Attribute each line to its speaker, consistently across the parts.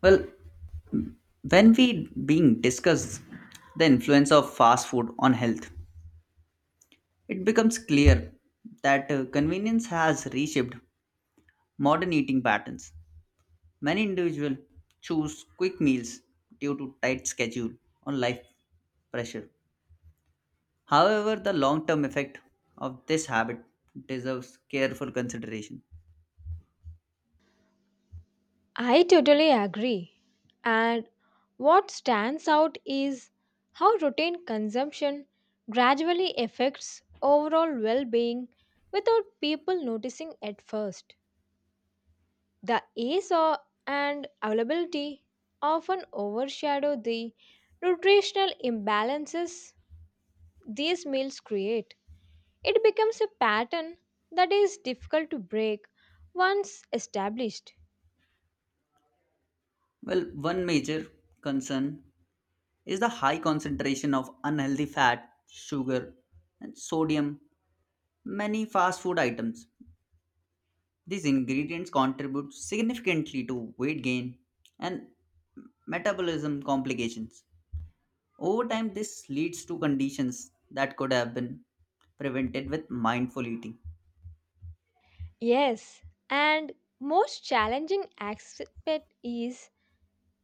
Speaker 1: Well, when we being discuss the influence of fast food on health, it becomes clear that convenience has reshaped modern eating patterns. Many individuals choose quick meals due to tight schedule or life pressure. However, the long-term effect of this habit deserves careful consideration.
Speaker 2: I totally agree. And what stands out is how routine consumption gradually affects overall well being without people noticing at first. The ease o- and availability often overshadow the nutritional imbalances these meals create. It becomes a pattern that is difficult to break once established.
Speaker 1: Well, one major concern is the high concentration of unhealthy fat, sugar, and sodium many fast food items. These ingredients contribute significantly to weight gain and metabolism complications. Over time, this leads to conditions that could have been prevented with mindful eating.
Speaker 2: Yes, and most challenging aspect is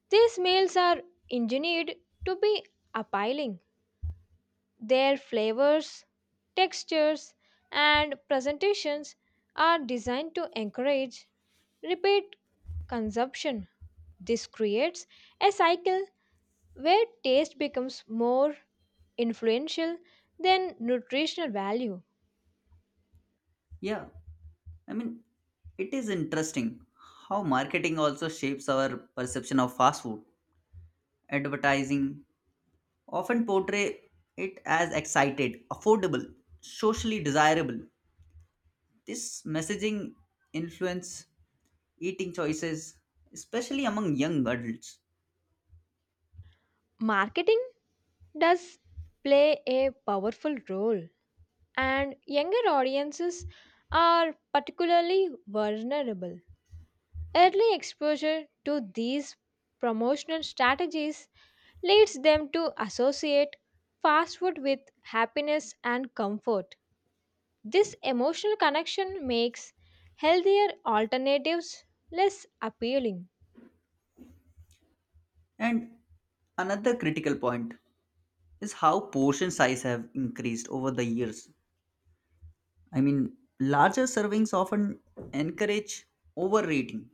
Speaker 2: these meals are engineered to be appealing. Their flavors, textures, and presentations are designed to encourage repeat consumption. This creates a cycle where taste becomes more influential than nutritional value.
Speaker 1: Yeah, I mean, it is interesting how marketing also shapes our perception of fast food. Advertising often portray it as excited, affordable, socially desirable. This messaging influence eating choices, especially among young adults.
Speaker 2: Marketing does play a powerful role and younger audiences are particularly vulnerable. Early exposure to these promotional strategies leads them to associate fast food with happiness and comfort. This emotional connection makes healthier alternatives less appealing.
Speaker 1: And another critical point is how portion size have increased over the years. I mean, larger servings often encourage overeating,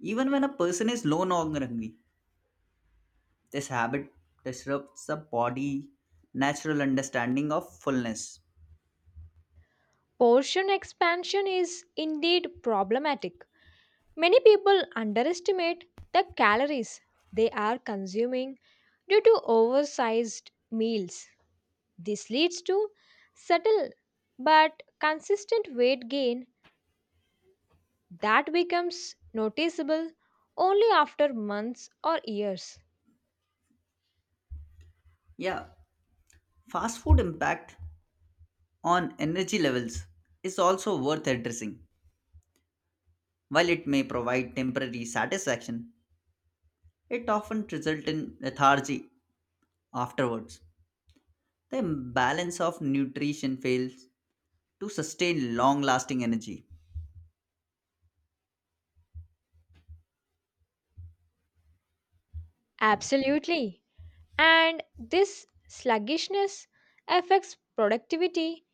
Speaker 1: even when a person is no longer hungry. This habit disrupts the body natural understanding of fullness.
Speaker 2: Portion expansion is indeed problematic. Many people underestimate the calories they are consuming due to oversized meals. This leads to subtle but consistent weight gain that becomes noticeable only after months or years.
Speaker 1: Yeah, fast food impact on energy levels is also worth addressing. While it may provide temporary satisfaction, it often results in lethargy afterwards. The balance of nutrition fails to sustain long lasting energy.
Speaker 2: Absolutely. And this sluggishness affects productivity,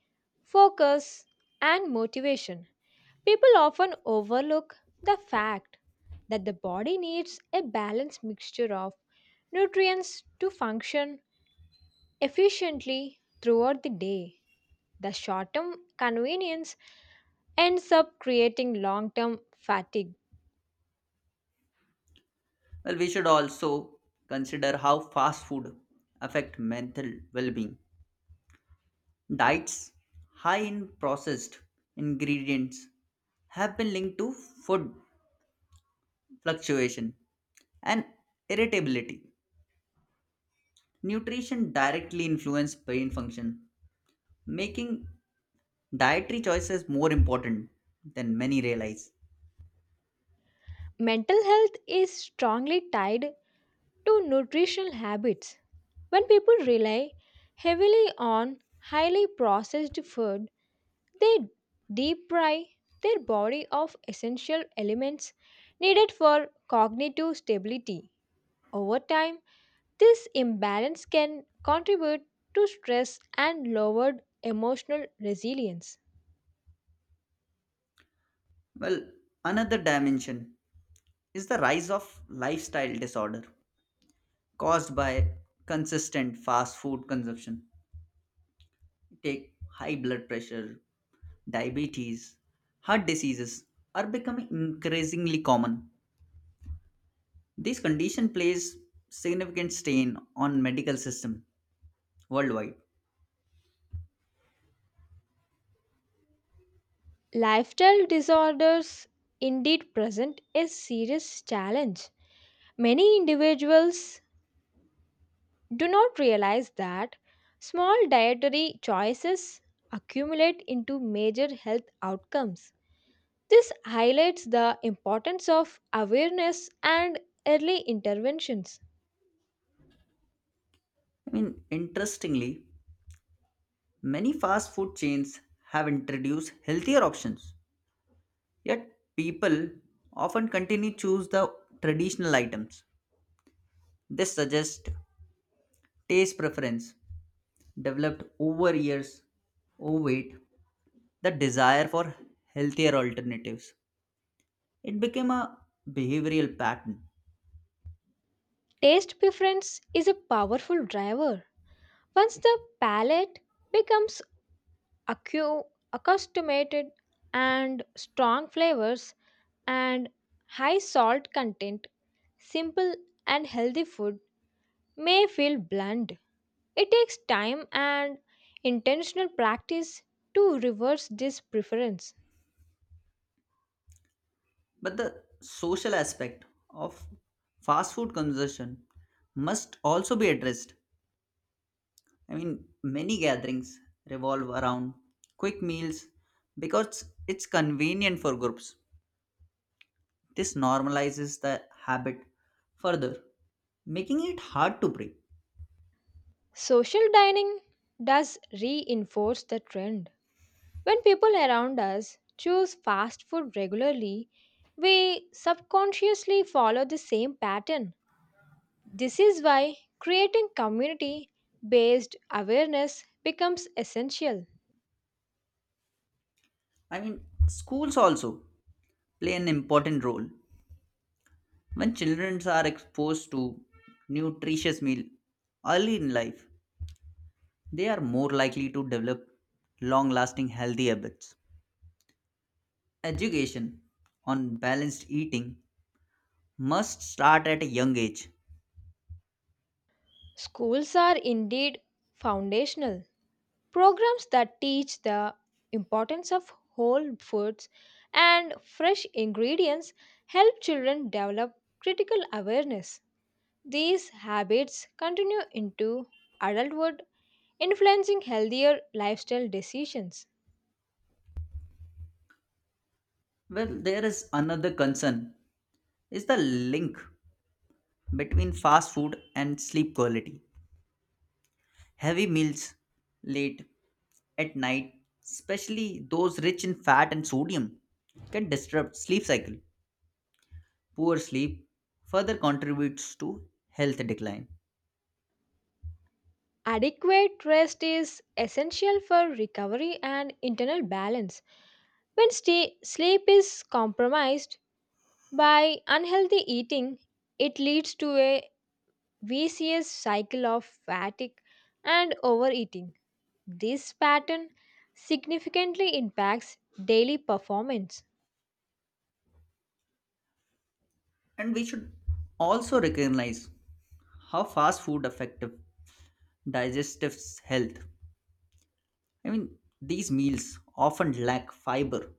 Speaker 2: focus, and motivation. People often overlook the fact that the body needs a balanced mixture of nutrients to function efficiently throughout the day. The short term convenience ends up creating long term fatigue.
Speaker 1: Well, we should also consider how fast food affect mental well-being. Diets high in processed ingredients have been linked to food fluctuation and irritability. Nutrition directly influences brain function, making dietary choices more important than many realize.
Speaker 2: Mental health is strongly tied to nutritional habits. When people rely heavily on highly processed food, they deprive their body of essential elements needed for cognitive stability. Over time, this imbalance can contribute to stress and lowered emotional resilience.
Speaker 1: Well, another dimension is the rise of lifestyle disorder caused by consistent fast food consumption. Take high blood pressure, diabetes, heart diseases are becoming increasingly common. This condition plays significant strain on medical system worldwide.
Speaker 2: Lifestyle disorders indeed present a serious challenge. Many individuals do not realize that small dietary choices accumulate into major health outcomes. This highlights the importance of awareness and early interventions.
Speaker 1: I mean, interestingly, many fast food chains have introduced healthier options, yet people often continue to choose the traditional items. This suggests taste preference developed over years overweight, the desire for healthier alternatives. It became a behavioral pattern.
Speaker 2: Taste preference is a powerful driver. Once the palate becomes accu- accustomed and strong flavors and high salt content, simple and healthy food may feel bland. It takes time and intentional practice to reverse this preference.
Speaker 1: But the social aspect of fast food consumption must also be addressed. I mean, many gatherings revolve around quick meals because it's convenient for groups. This normalizes the habit further, making it hard to break.
Speaker 2: Social dining does reinforce the trend. When people around us choose fast food regularly, we subconsciously follow the same pattern. This is why creating community based awareness becomes essential.
Speaker 1: I mean, schools also play an important role. When children are exposed to nutritious meal early in life, they are more likely to develop long lasting healthy habits. Education on balanced eating must start at a young age.
Speaker 2: Schools are indeed foundational. Programs that teach the importance of whole foods and fresh ingredients help children develop critical awareness. These habits continue into adulthood, influencing healthier lifestyle decisions.
Speaker 1: Well, there is another concern is the link between fast food and sleep quality. Heavy meals late at night, especially those rich in fat and sodium, can disrupt sleep cycle. Poor sleep further contributes to health decline.
Speaker 2: Adequate rest is essential for recovery and internal balance. When sleep is compromised by unhealthy eating, it leads to a vicious cycle of fatigue and overeating. This pattern significantly impacts daily performance.
Speaker 1: And we should also recognize how fast food affective digestive health. I mean, these meals often lack fiber,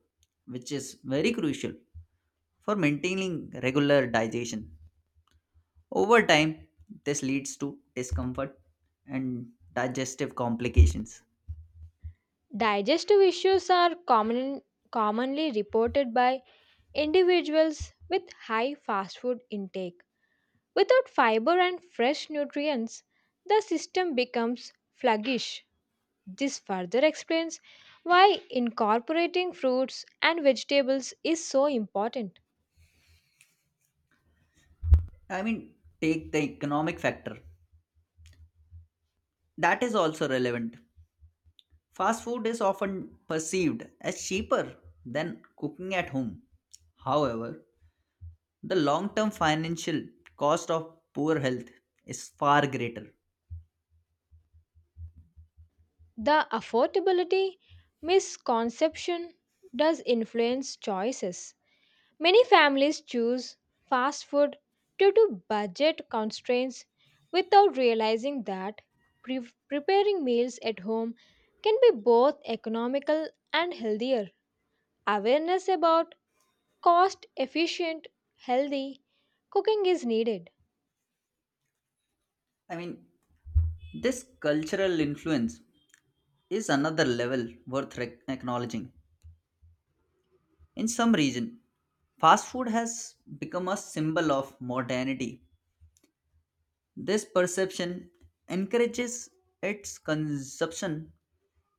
Speaker 1: which is very crucial for maintaining regular digestion. Over time, this leads to discomfort and digestive complications.
Speaker 2: Digestive issues are common, Commonly reported by individuals with high fast food intake. Without fiber and fresh nutrients, the system becomes sluggish. This further explains why incorporating fruits and vegetables is so important.
Speaker 1: I mean, take the economic factor. That is also relevant. Fast food is often perceived as cheaper than cooking at home. However, the long term financial cost of poor health is far greater.
Speaker 2: The affordability misconception does influence choices. Many families choose fast food due to budget constraints without realizing that preparing meals at home can be both economical and healthier. Awareness about cost efficient, healthy cooking is needed.
Speaker 1: I mean, this cultural influence is another level worth acknowledging. In some region, fast food has become a symbol of modernity. This perception encourages its consumption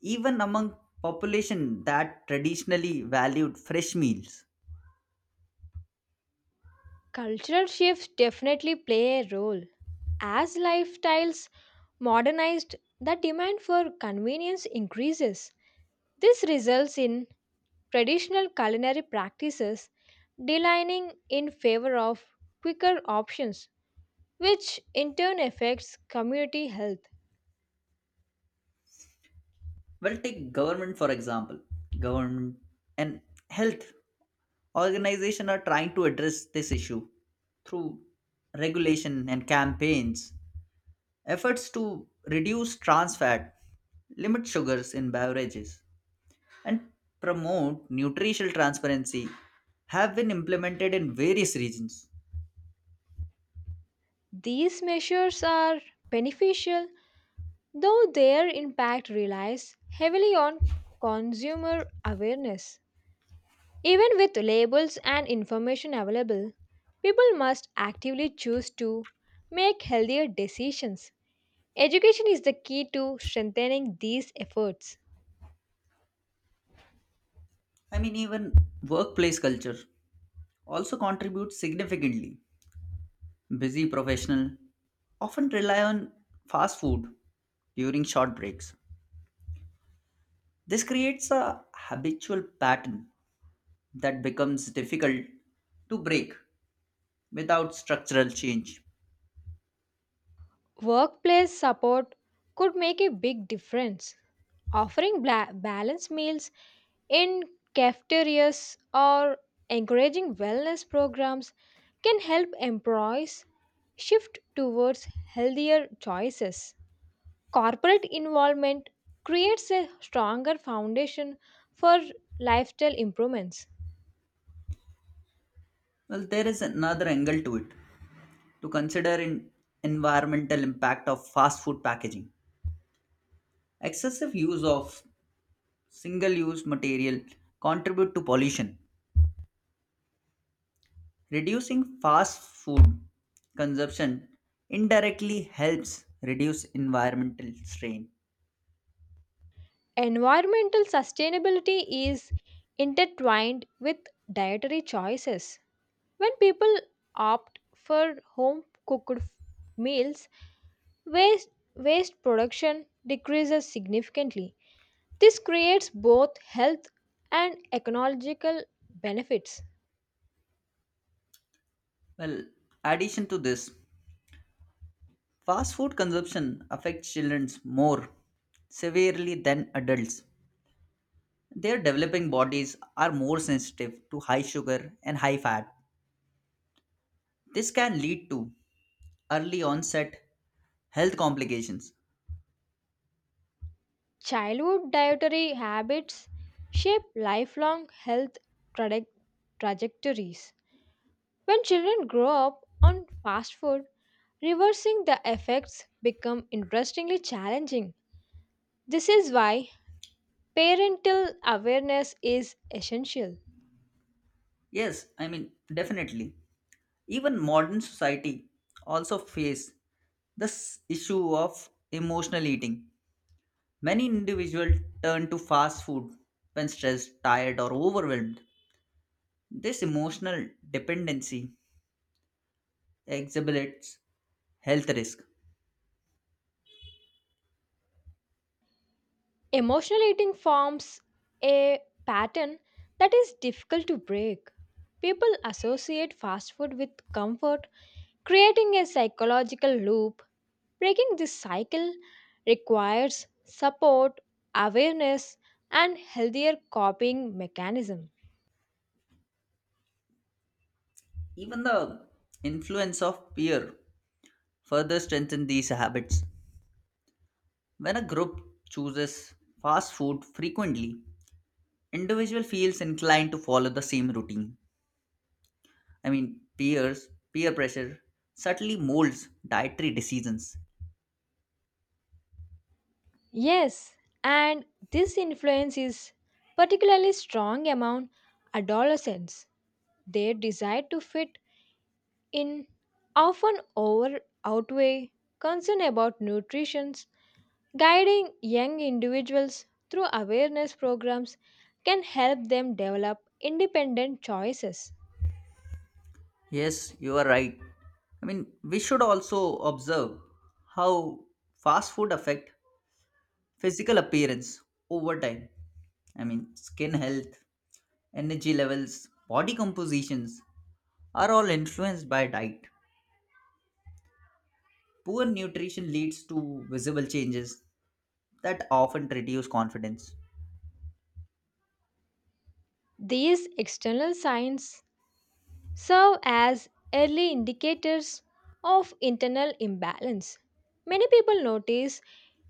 Speaker 1: even among population that traditionally valued fresh meals.
Speaker 2: Cultural shifts definitely play a role. As lifestyles modernized, the demand for convenience increases. This results in traditional culinary practices declining in favor of quicker options, which in turn affects community health.
Speaker 1: Well, take government for example. Government and health organizations are trying to address this issue through regulation and campaigns, efforts to reduce trans fat, limit sugars in beverages, and promote nutritional transparency have been implemented in various regions.
Speaker 2: These measures are beneficial, though their impact relies heavily on consumer awareness. Even with labels and information available, people must actively choose to make healthier decisions. Education is the key to strengthening these efforts.
Speaker 1: I mean, even workplace culture also contributes significantly. Busy professional often rely on fast food during short breaks. This creates a habitual pattern that becomes difficult to break without structural change.
Speaker 2: Workplace support could make a big difference. Offering balanced meals in cafeterias or encouraging wellness programs can help employees shift towards healthier choices. Corporate involvement creates a stronger foundation for lifestyle improvements.
Speaker 1: Well, there is another angle to it to consider in environmental impact of fast food packaging. Excessive use of single-use material contribute to pollution. Reducing fast food consumption indirectly helps reduce environmental strain.
Speaker 2: Environmental sustainability is intertwined with dietary choices. When people opt for home cooked meals, waste production decreases significantly. This creates both health and ecological benefits.
Speaker 1: Well, addition to this, fast food consumption affects children more severely than adults. Their developing bodies are more sensitive to high sugar and high fat. This can lead to early onset health complications.
Speaker 2: Childhood dietary habits shape lifelong health traje- trajectories. When children grow up on fast food, reversing the effects become interestingly challenging. This is why parental awareness is essential.
Speaker 1: Yes, I mean, definitely. Even modern society also face this issue of emotional eating. Many individuals turn to fast food when stressed, tired, or overwhelmed. This emotional dependency exhibits health risk.
Speaker 2: Emotional eating forms a pattern that is difficult to break. People associate fast food with comfort, creating a psychological loop. Breaking this cycle requires support, awareness, and healthier coping mechanism.
Speaker 1: Even the influence of peer further strengthens these habits. When a group chooses fast food frequently, individual feels inclined to follow the same routine. I mean, peer pressure subtly molds dietary decisions.
Speaker 2: Yes, and this influence is particularly strong among adolescents. Their desire to fit in often over outweigh concern about nutrition. Guiding young individuals through awareness programs can help them develop independent choices.
Speaker 1: Yes, you are right. I mean, we should also observe how fast food affect physical appearance over time. I mean, skin health, energy levels, body compositions are all influenced by diet. Poor nutrition leads to visible changes that often reduce confidence.
Speaker 2: These external signs serve as early indicators of internal imbalance. Many people notice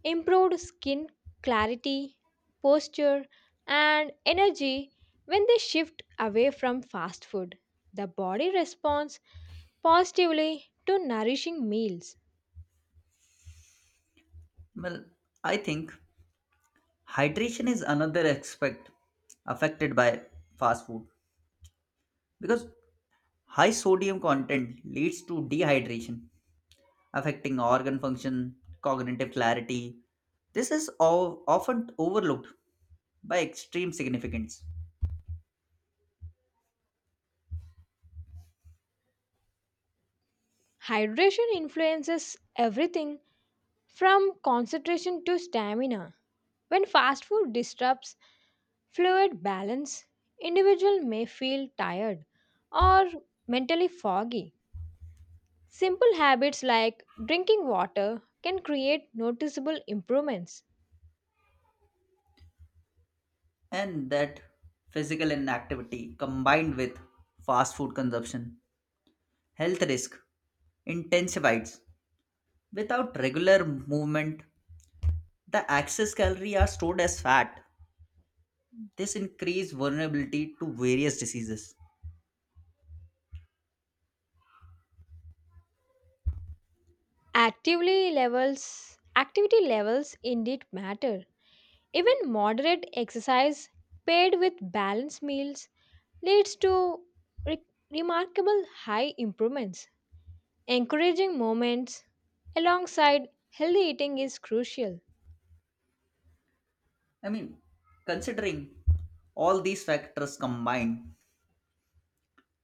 Speaker 2: improved skin clarity, posture, and energy when they shift away from fast food. The body responds positively to nourishing meals.
Speaker 1: Well, I think hydration is another aspect affected by fast food because high sodium content leads to dehydration, affecting organ function, cognitive clarity. This is all often overlooked by extreme significance,
Speaker 2: Hydration influences everything from concentration to stamina. When fast food disrupts fluid balance, individual may feel tired or mentally foggy. Simple habits like drinking water can create noticeable improvements.
Speaker 1: and that physical inactivity combined with fast food consumption health risk intensifies. Without regular movement, the excess calorie are stored as fat. This increase vulnerability to various diseases.
Speaker 2: Actively levels Activity levels indeed matter. Even moderate exercise paired with balanced meals leads to re- remarkable high improvements. Encouraging moments alongside healthy eating is crucial.
Speaker 1: I mean, considering all these factors combined,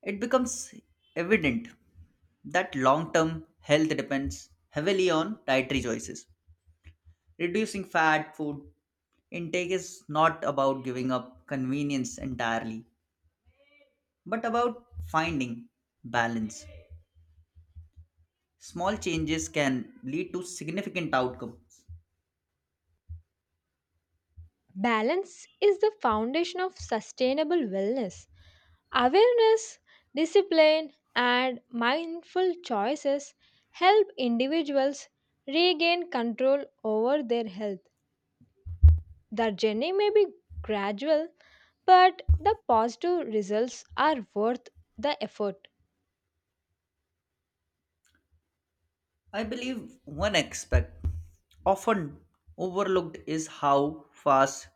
Speaker 1: it becomes evident that long term health depends heavily on dietary choices. Reducing fat food intake is not about giving up convenience entirely, but about finding balance. Small changes can lead to significant outcomes.
Speaker 2: Balance is the foundation of sustainable wellness. Awareness, discipline, and mindful choices help individuals regain control over their health. The journey may be gradual, but the positive results are worth the effort.
Speaker 1: I believe one aspect often overlooked is how fast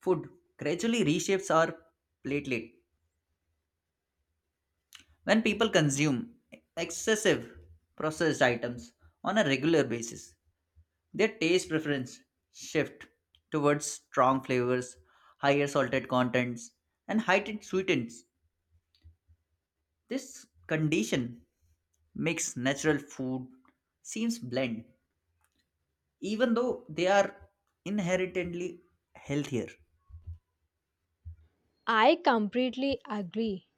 Speaker 1: food gradually reshapes our platelet. When people consume excessive processed items on a regular basis, their taste preference shift towards strong flavors, higher salted contents, and heightened sweetens. This condition makes natural food seems bland even though they are inherently healthier.
Speaker 2: I completely agree.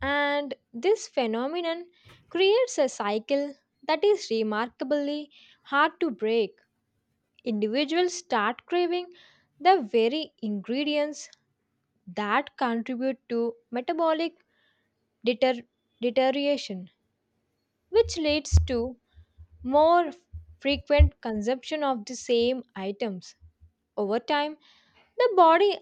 Speaker 2: And this phenomenon creates a cycle that is remarkably hard to break. Individuals start craving the very ingredients that contribute to metabolic deter- deterioration, which leads to more frequent consumption of the same items. Over time, the body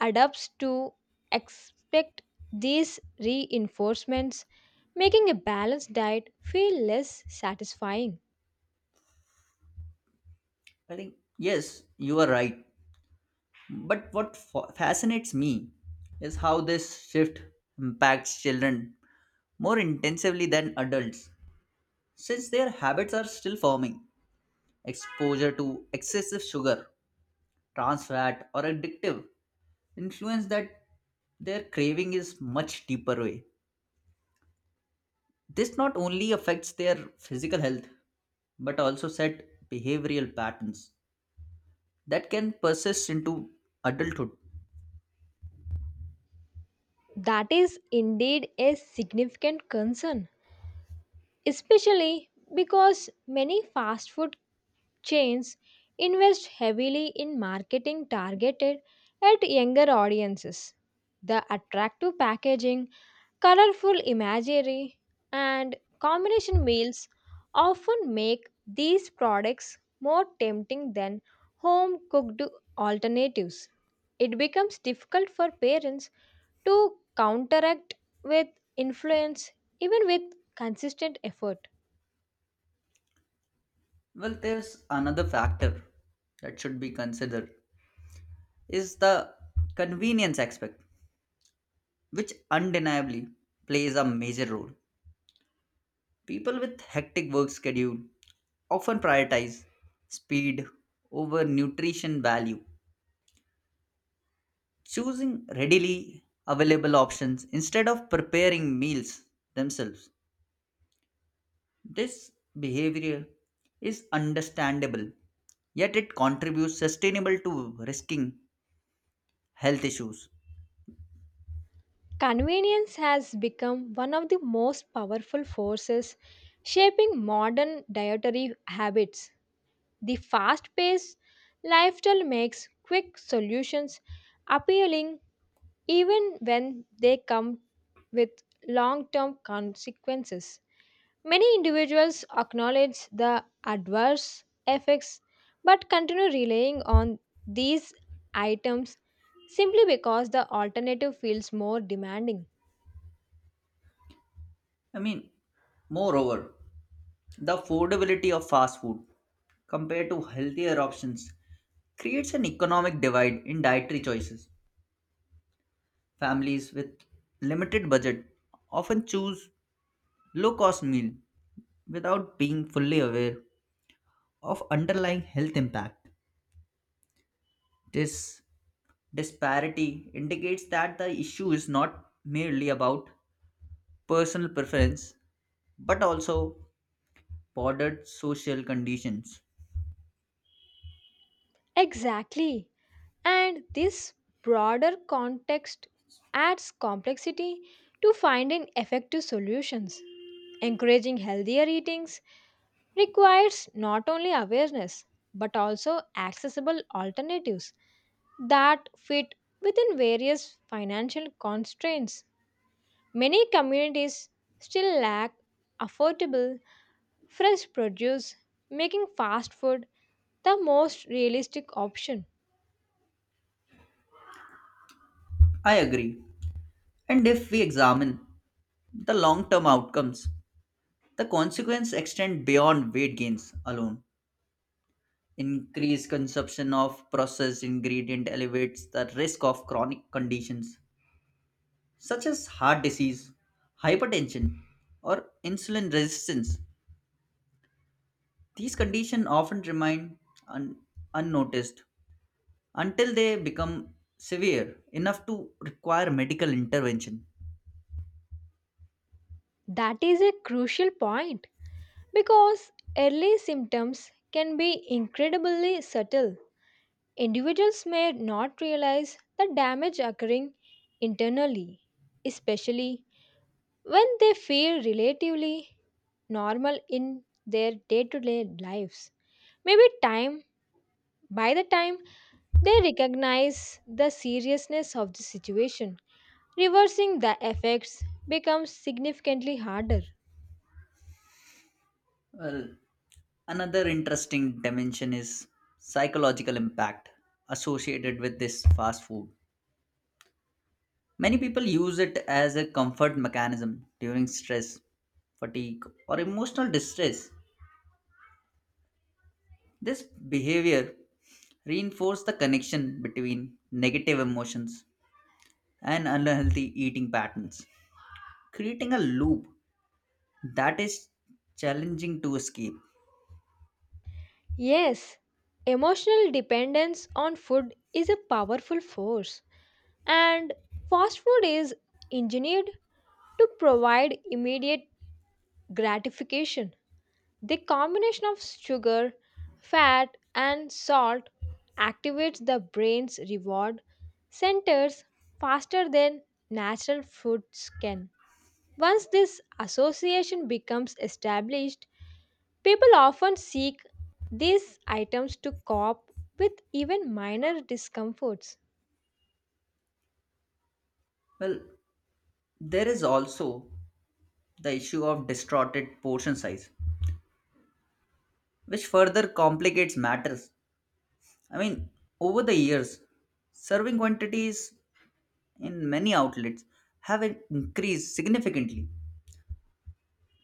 Speaker 2: adapts to expect these reinforcements, making a balanced diet feel less satisfying.
Speaker 1: I think, yes, you are right. But what fascinates me is how this shift impacts children more intensively than adults, since their habits are still forming. Exposure to excessive sugar, trans fat, or addictive influence that their craving is much deeper way. This not only affects their physical health, but also set behavioral patterns that can persist into adulthood.
Speaker 2: That is indeed a significant concern especially because many fast food chains invest heavily in marketing targeted at younger audiences. The attractive packaging, colorful imagery, and combination meals often make these products more tempting than home cooked alternatives. It becomes difficult for parents to counteract with influence even with consistent effort.
Speaker 1: Well, there's another factor that should be considered is the convenience aspect, which undeniably plays a major role. People with hectic work schedule often prioritize speed over nutrition value, choosing readily available options instead of preparing meals themselves. This behavior is understandable, yet it contributes sustainable to risking health issues.
Speaker 2: Convenience has become one of the most powerful forces shaping modern dietary habits. The fast paced lifestyle makes quick solutions appealing even when they come with long term consequences. Many individuals acknowledge the adverse effects but continue relying on these items simply because the alternative feels more demanding.
Speaker 1: I mean, moreover, the affordability of fast food compared to healthier options creates an economic divide in dietary choices. Families with limited budget often choose low cost meal without being fully aware of underlying health impact. This disparity indicates that the issue is not merely about personal preference but also broader social conditions.
Speaker 2: Exactly. And this broader context adds complexity to finding effective solutions. Encouraging healthier eatings requires not only awareness but also accessible alternatives that fit within various financial constraints. Many communities still lack affordable fresh produce, making fast food the most realistic option.
Speaker 1: I agree. And if we examine the long term outcomes, the consequences extend beyond weight gains alone. Increased consumption of processed ingredient elevates the risk of chronic conditions such as heart disease, hypertension, or insulin resistance. These conditions often remain un- unnoticed until they become severe enough to require medical intervention.
Speaker 2: That is a crucial point because early symptoms can be incredibly subtle. Individuals may not realize the damage occurring internally, especially when they feel relatively normal in their day to day lives. Maybe time, by the time they recognize the seriousness of the situation, reversing the effects becomes significantly harder.
Speaker 1: Well, another interesting dimension is psychological impact associated with this fast food. Many people use it as a comfort mechanism during stress, fatigue, or emotional distress. This behavior reinforces the connection between negative emotions and unhealthy eating patterns creating a loop that is challenging to escape.
Speaker 2: Yes, emotional dependence on food is a powerful force, and fast food is engineered to provide immediate gratification. The combination of sugar, fat, and salt activates the brain's reward centers faster than natural foods can. Once this association becomes established, people often seek these items to cope with even minor discomforts.
Speaker 1: Well, there is also the issue of distorted portion size, which further complicates matters. I mean, over the years, serving quantities in many outlets have increased significantly,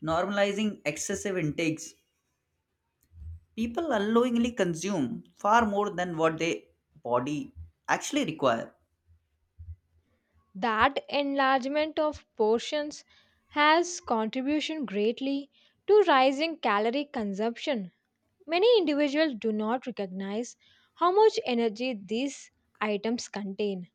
Speaker 1: normalizing excessive intakes. People unknowingly consume far more than what their body actually require.
Speaker 2: That enlargement of portions has contribution greatly to rising calorie consumption. Many individuals do not recognize how much energy these items contain,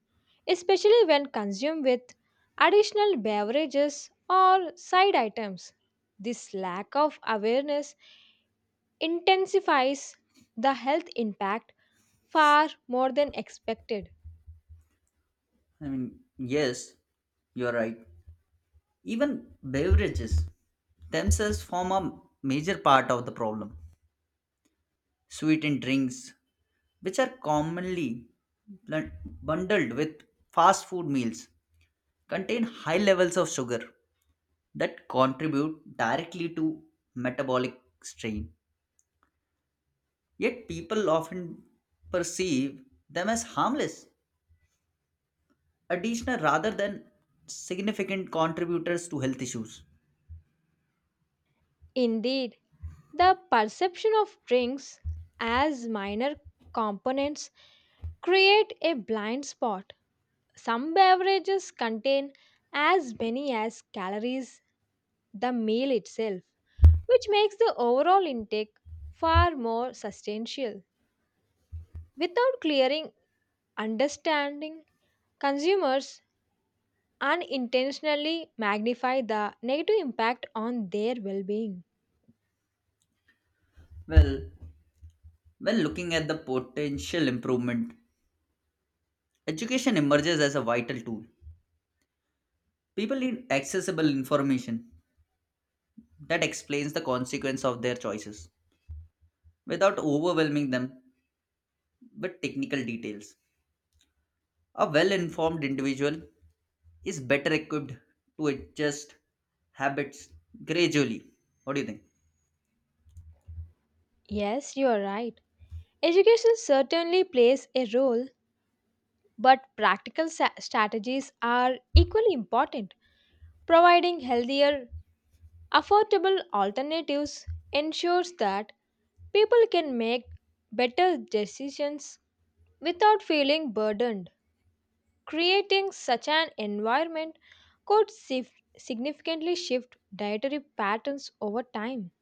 Speaker 2: especially when consumed with additional beverages or side items. This lack of awareness intensifies the health impact far more than expected.
Speaker 1: I mean, yes, you're right. Even beverages themselves form a major part of the problem. Sweetened drinks, which are commonly bl- bundled with fast food meals, contain high levels of sugar that contribute directly to metabolic strain. Yet people often perceive them as harmless, additional rather than significant contributors to health issues.
Speaker 2: Indeed, the perception of drinks as minor components create a blind spot. Some beverages contain as many as calories the meal itself, which makes the overall intake far more substantial. Without clearing understanding, consumers unintentionally magnify the negative impact on their well being.
Speaker 1: Well, when looking at the potential improvement education emerges as a vital tool. People need accessible information that explains the consequence of their choices without overwhelming them with technical details. A well informed individual is better equipped to adjust habits gradually. What do you think?
Speaker 2: Yes, you are right. Education certainly plays a role, but practical strategies are equally important. Providing healthier, affordable alternatives ensures that people can make better decisions without feeling burdened. Creating such an environment could significantly shift dietary patterns over time.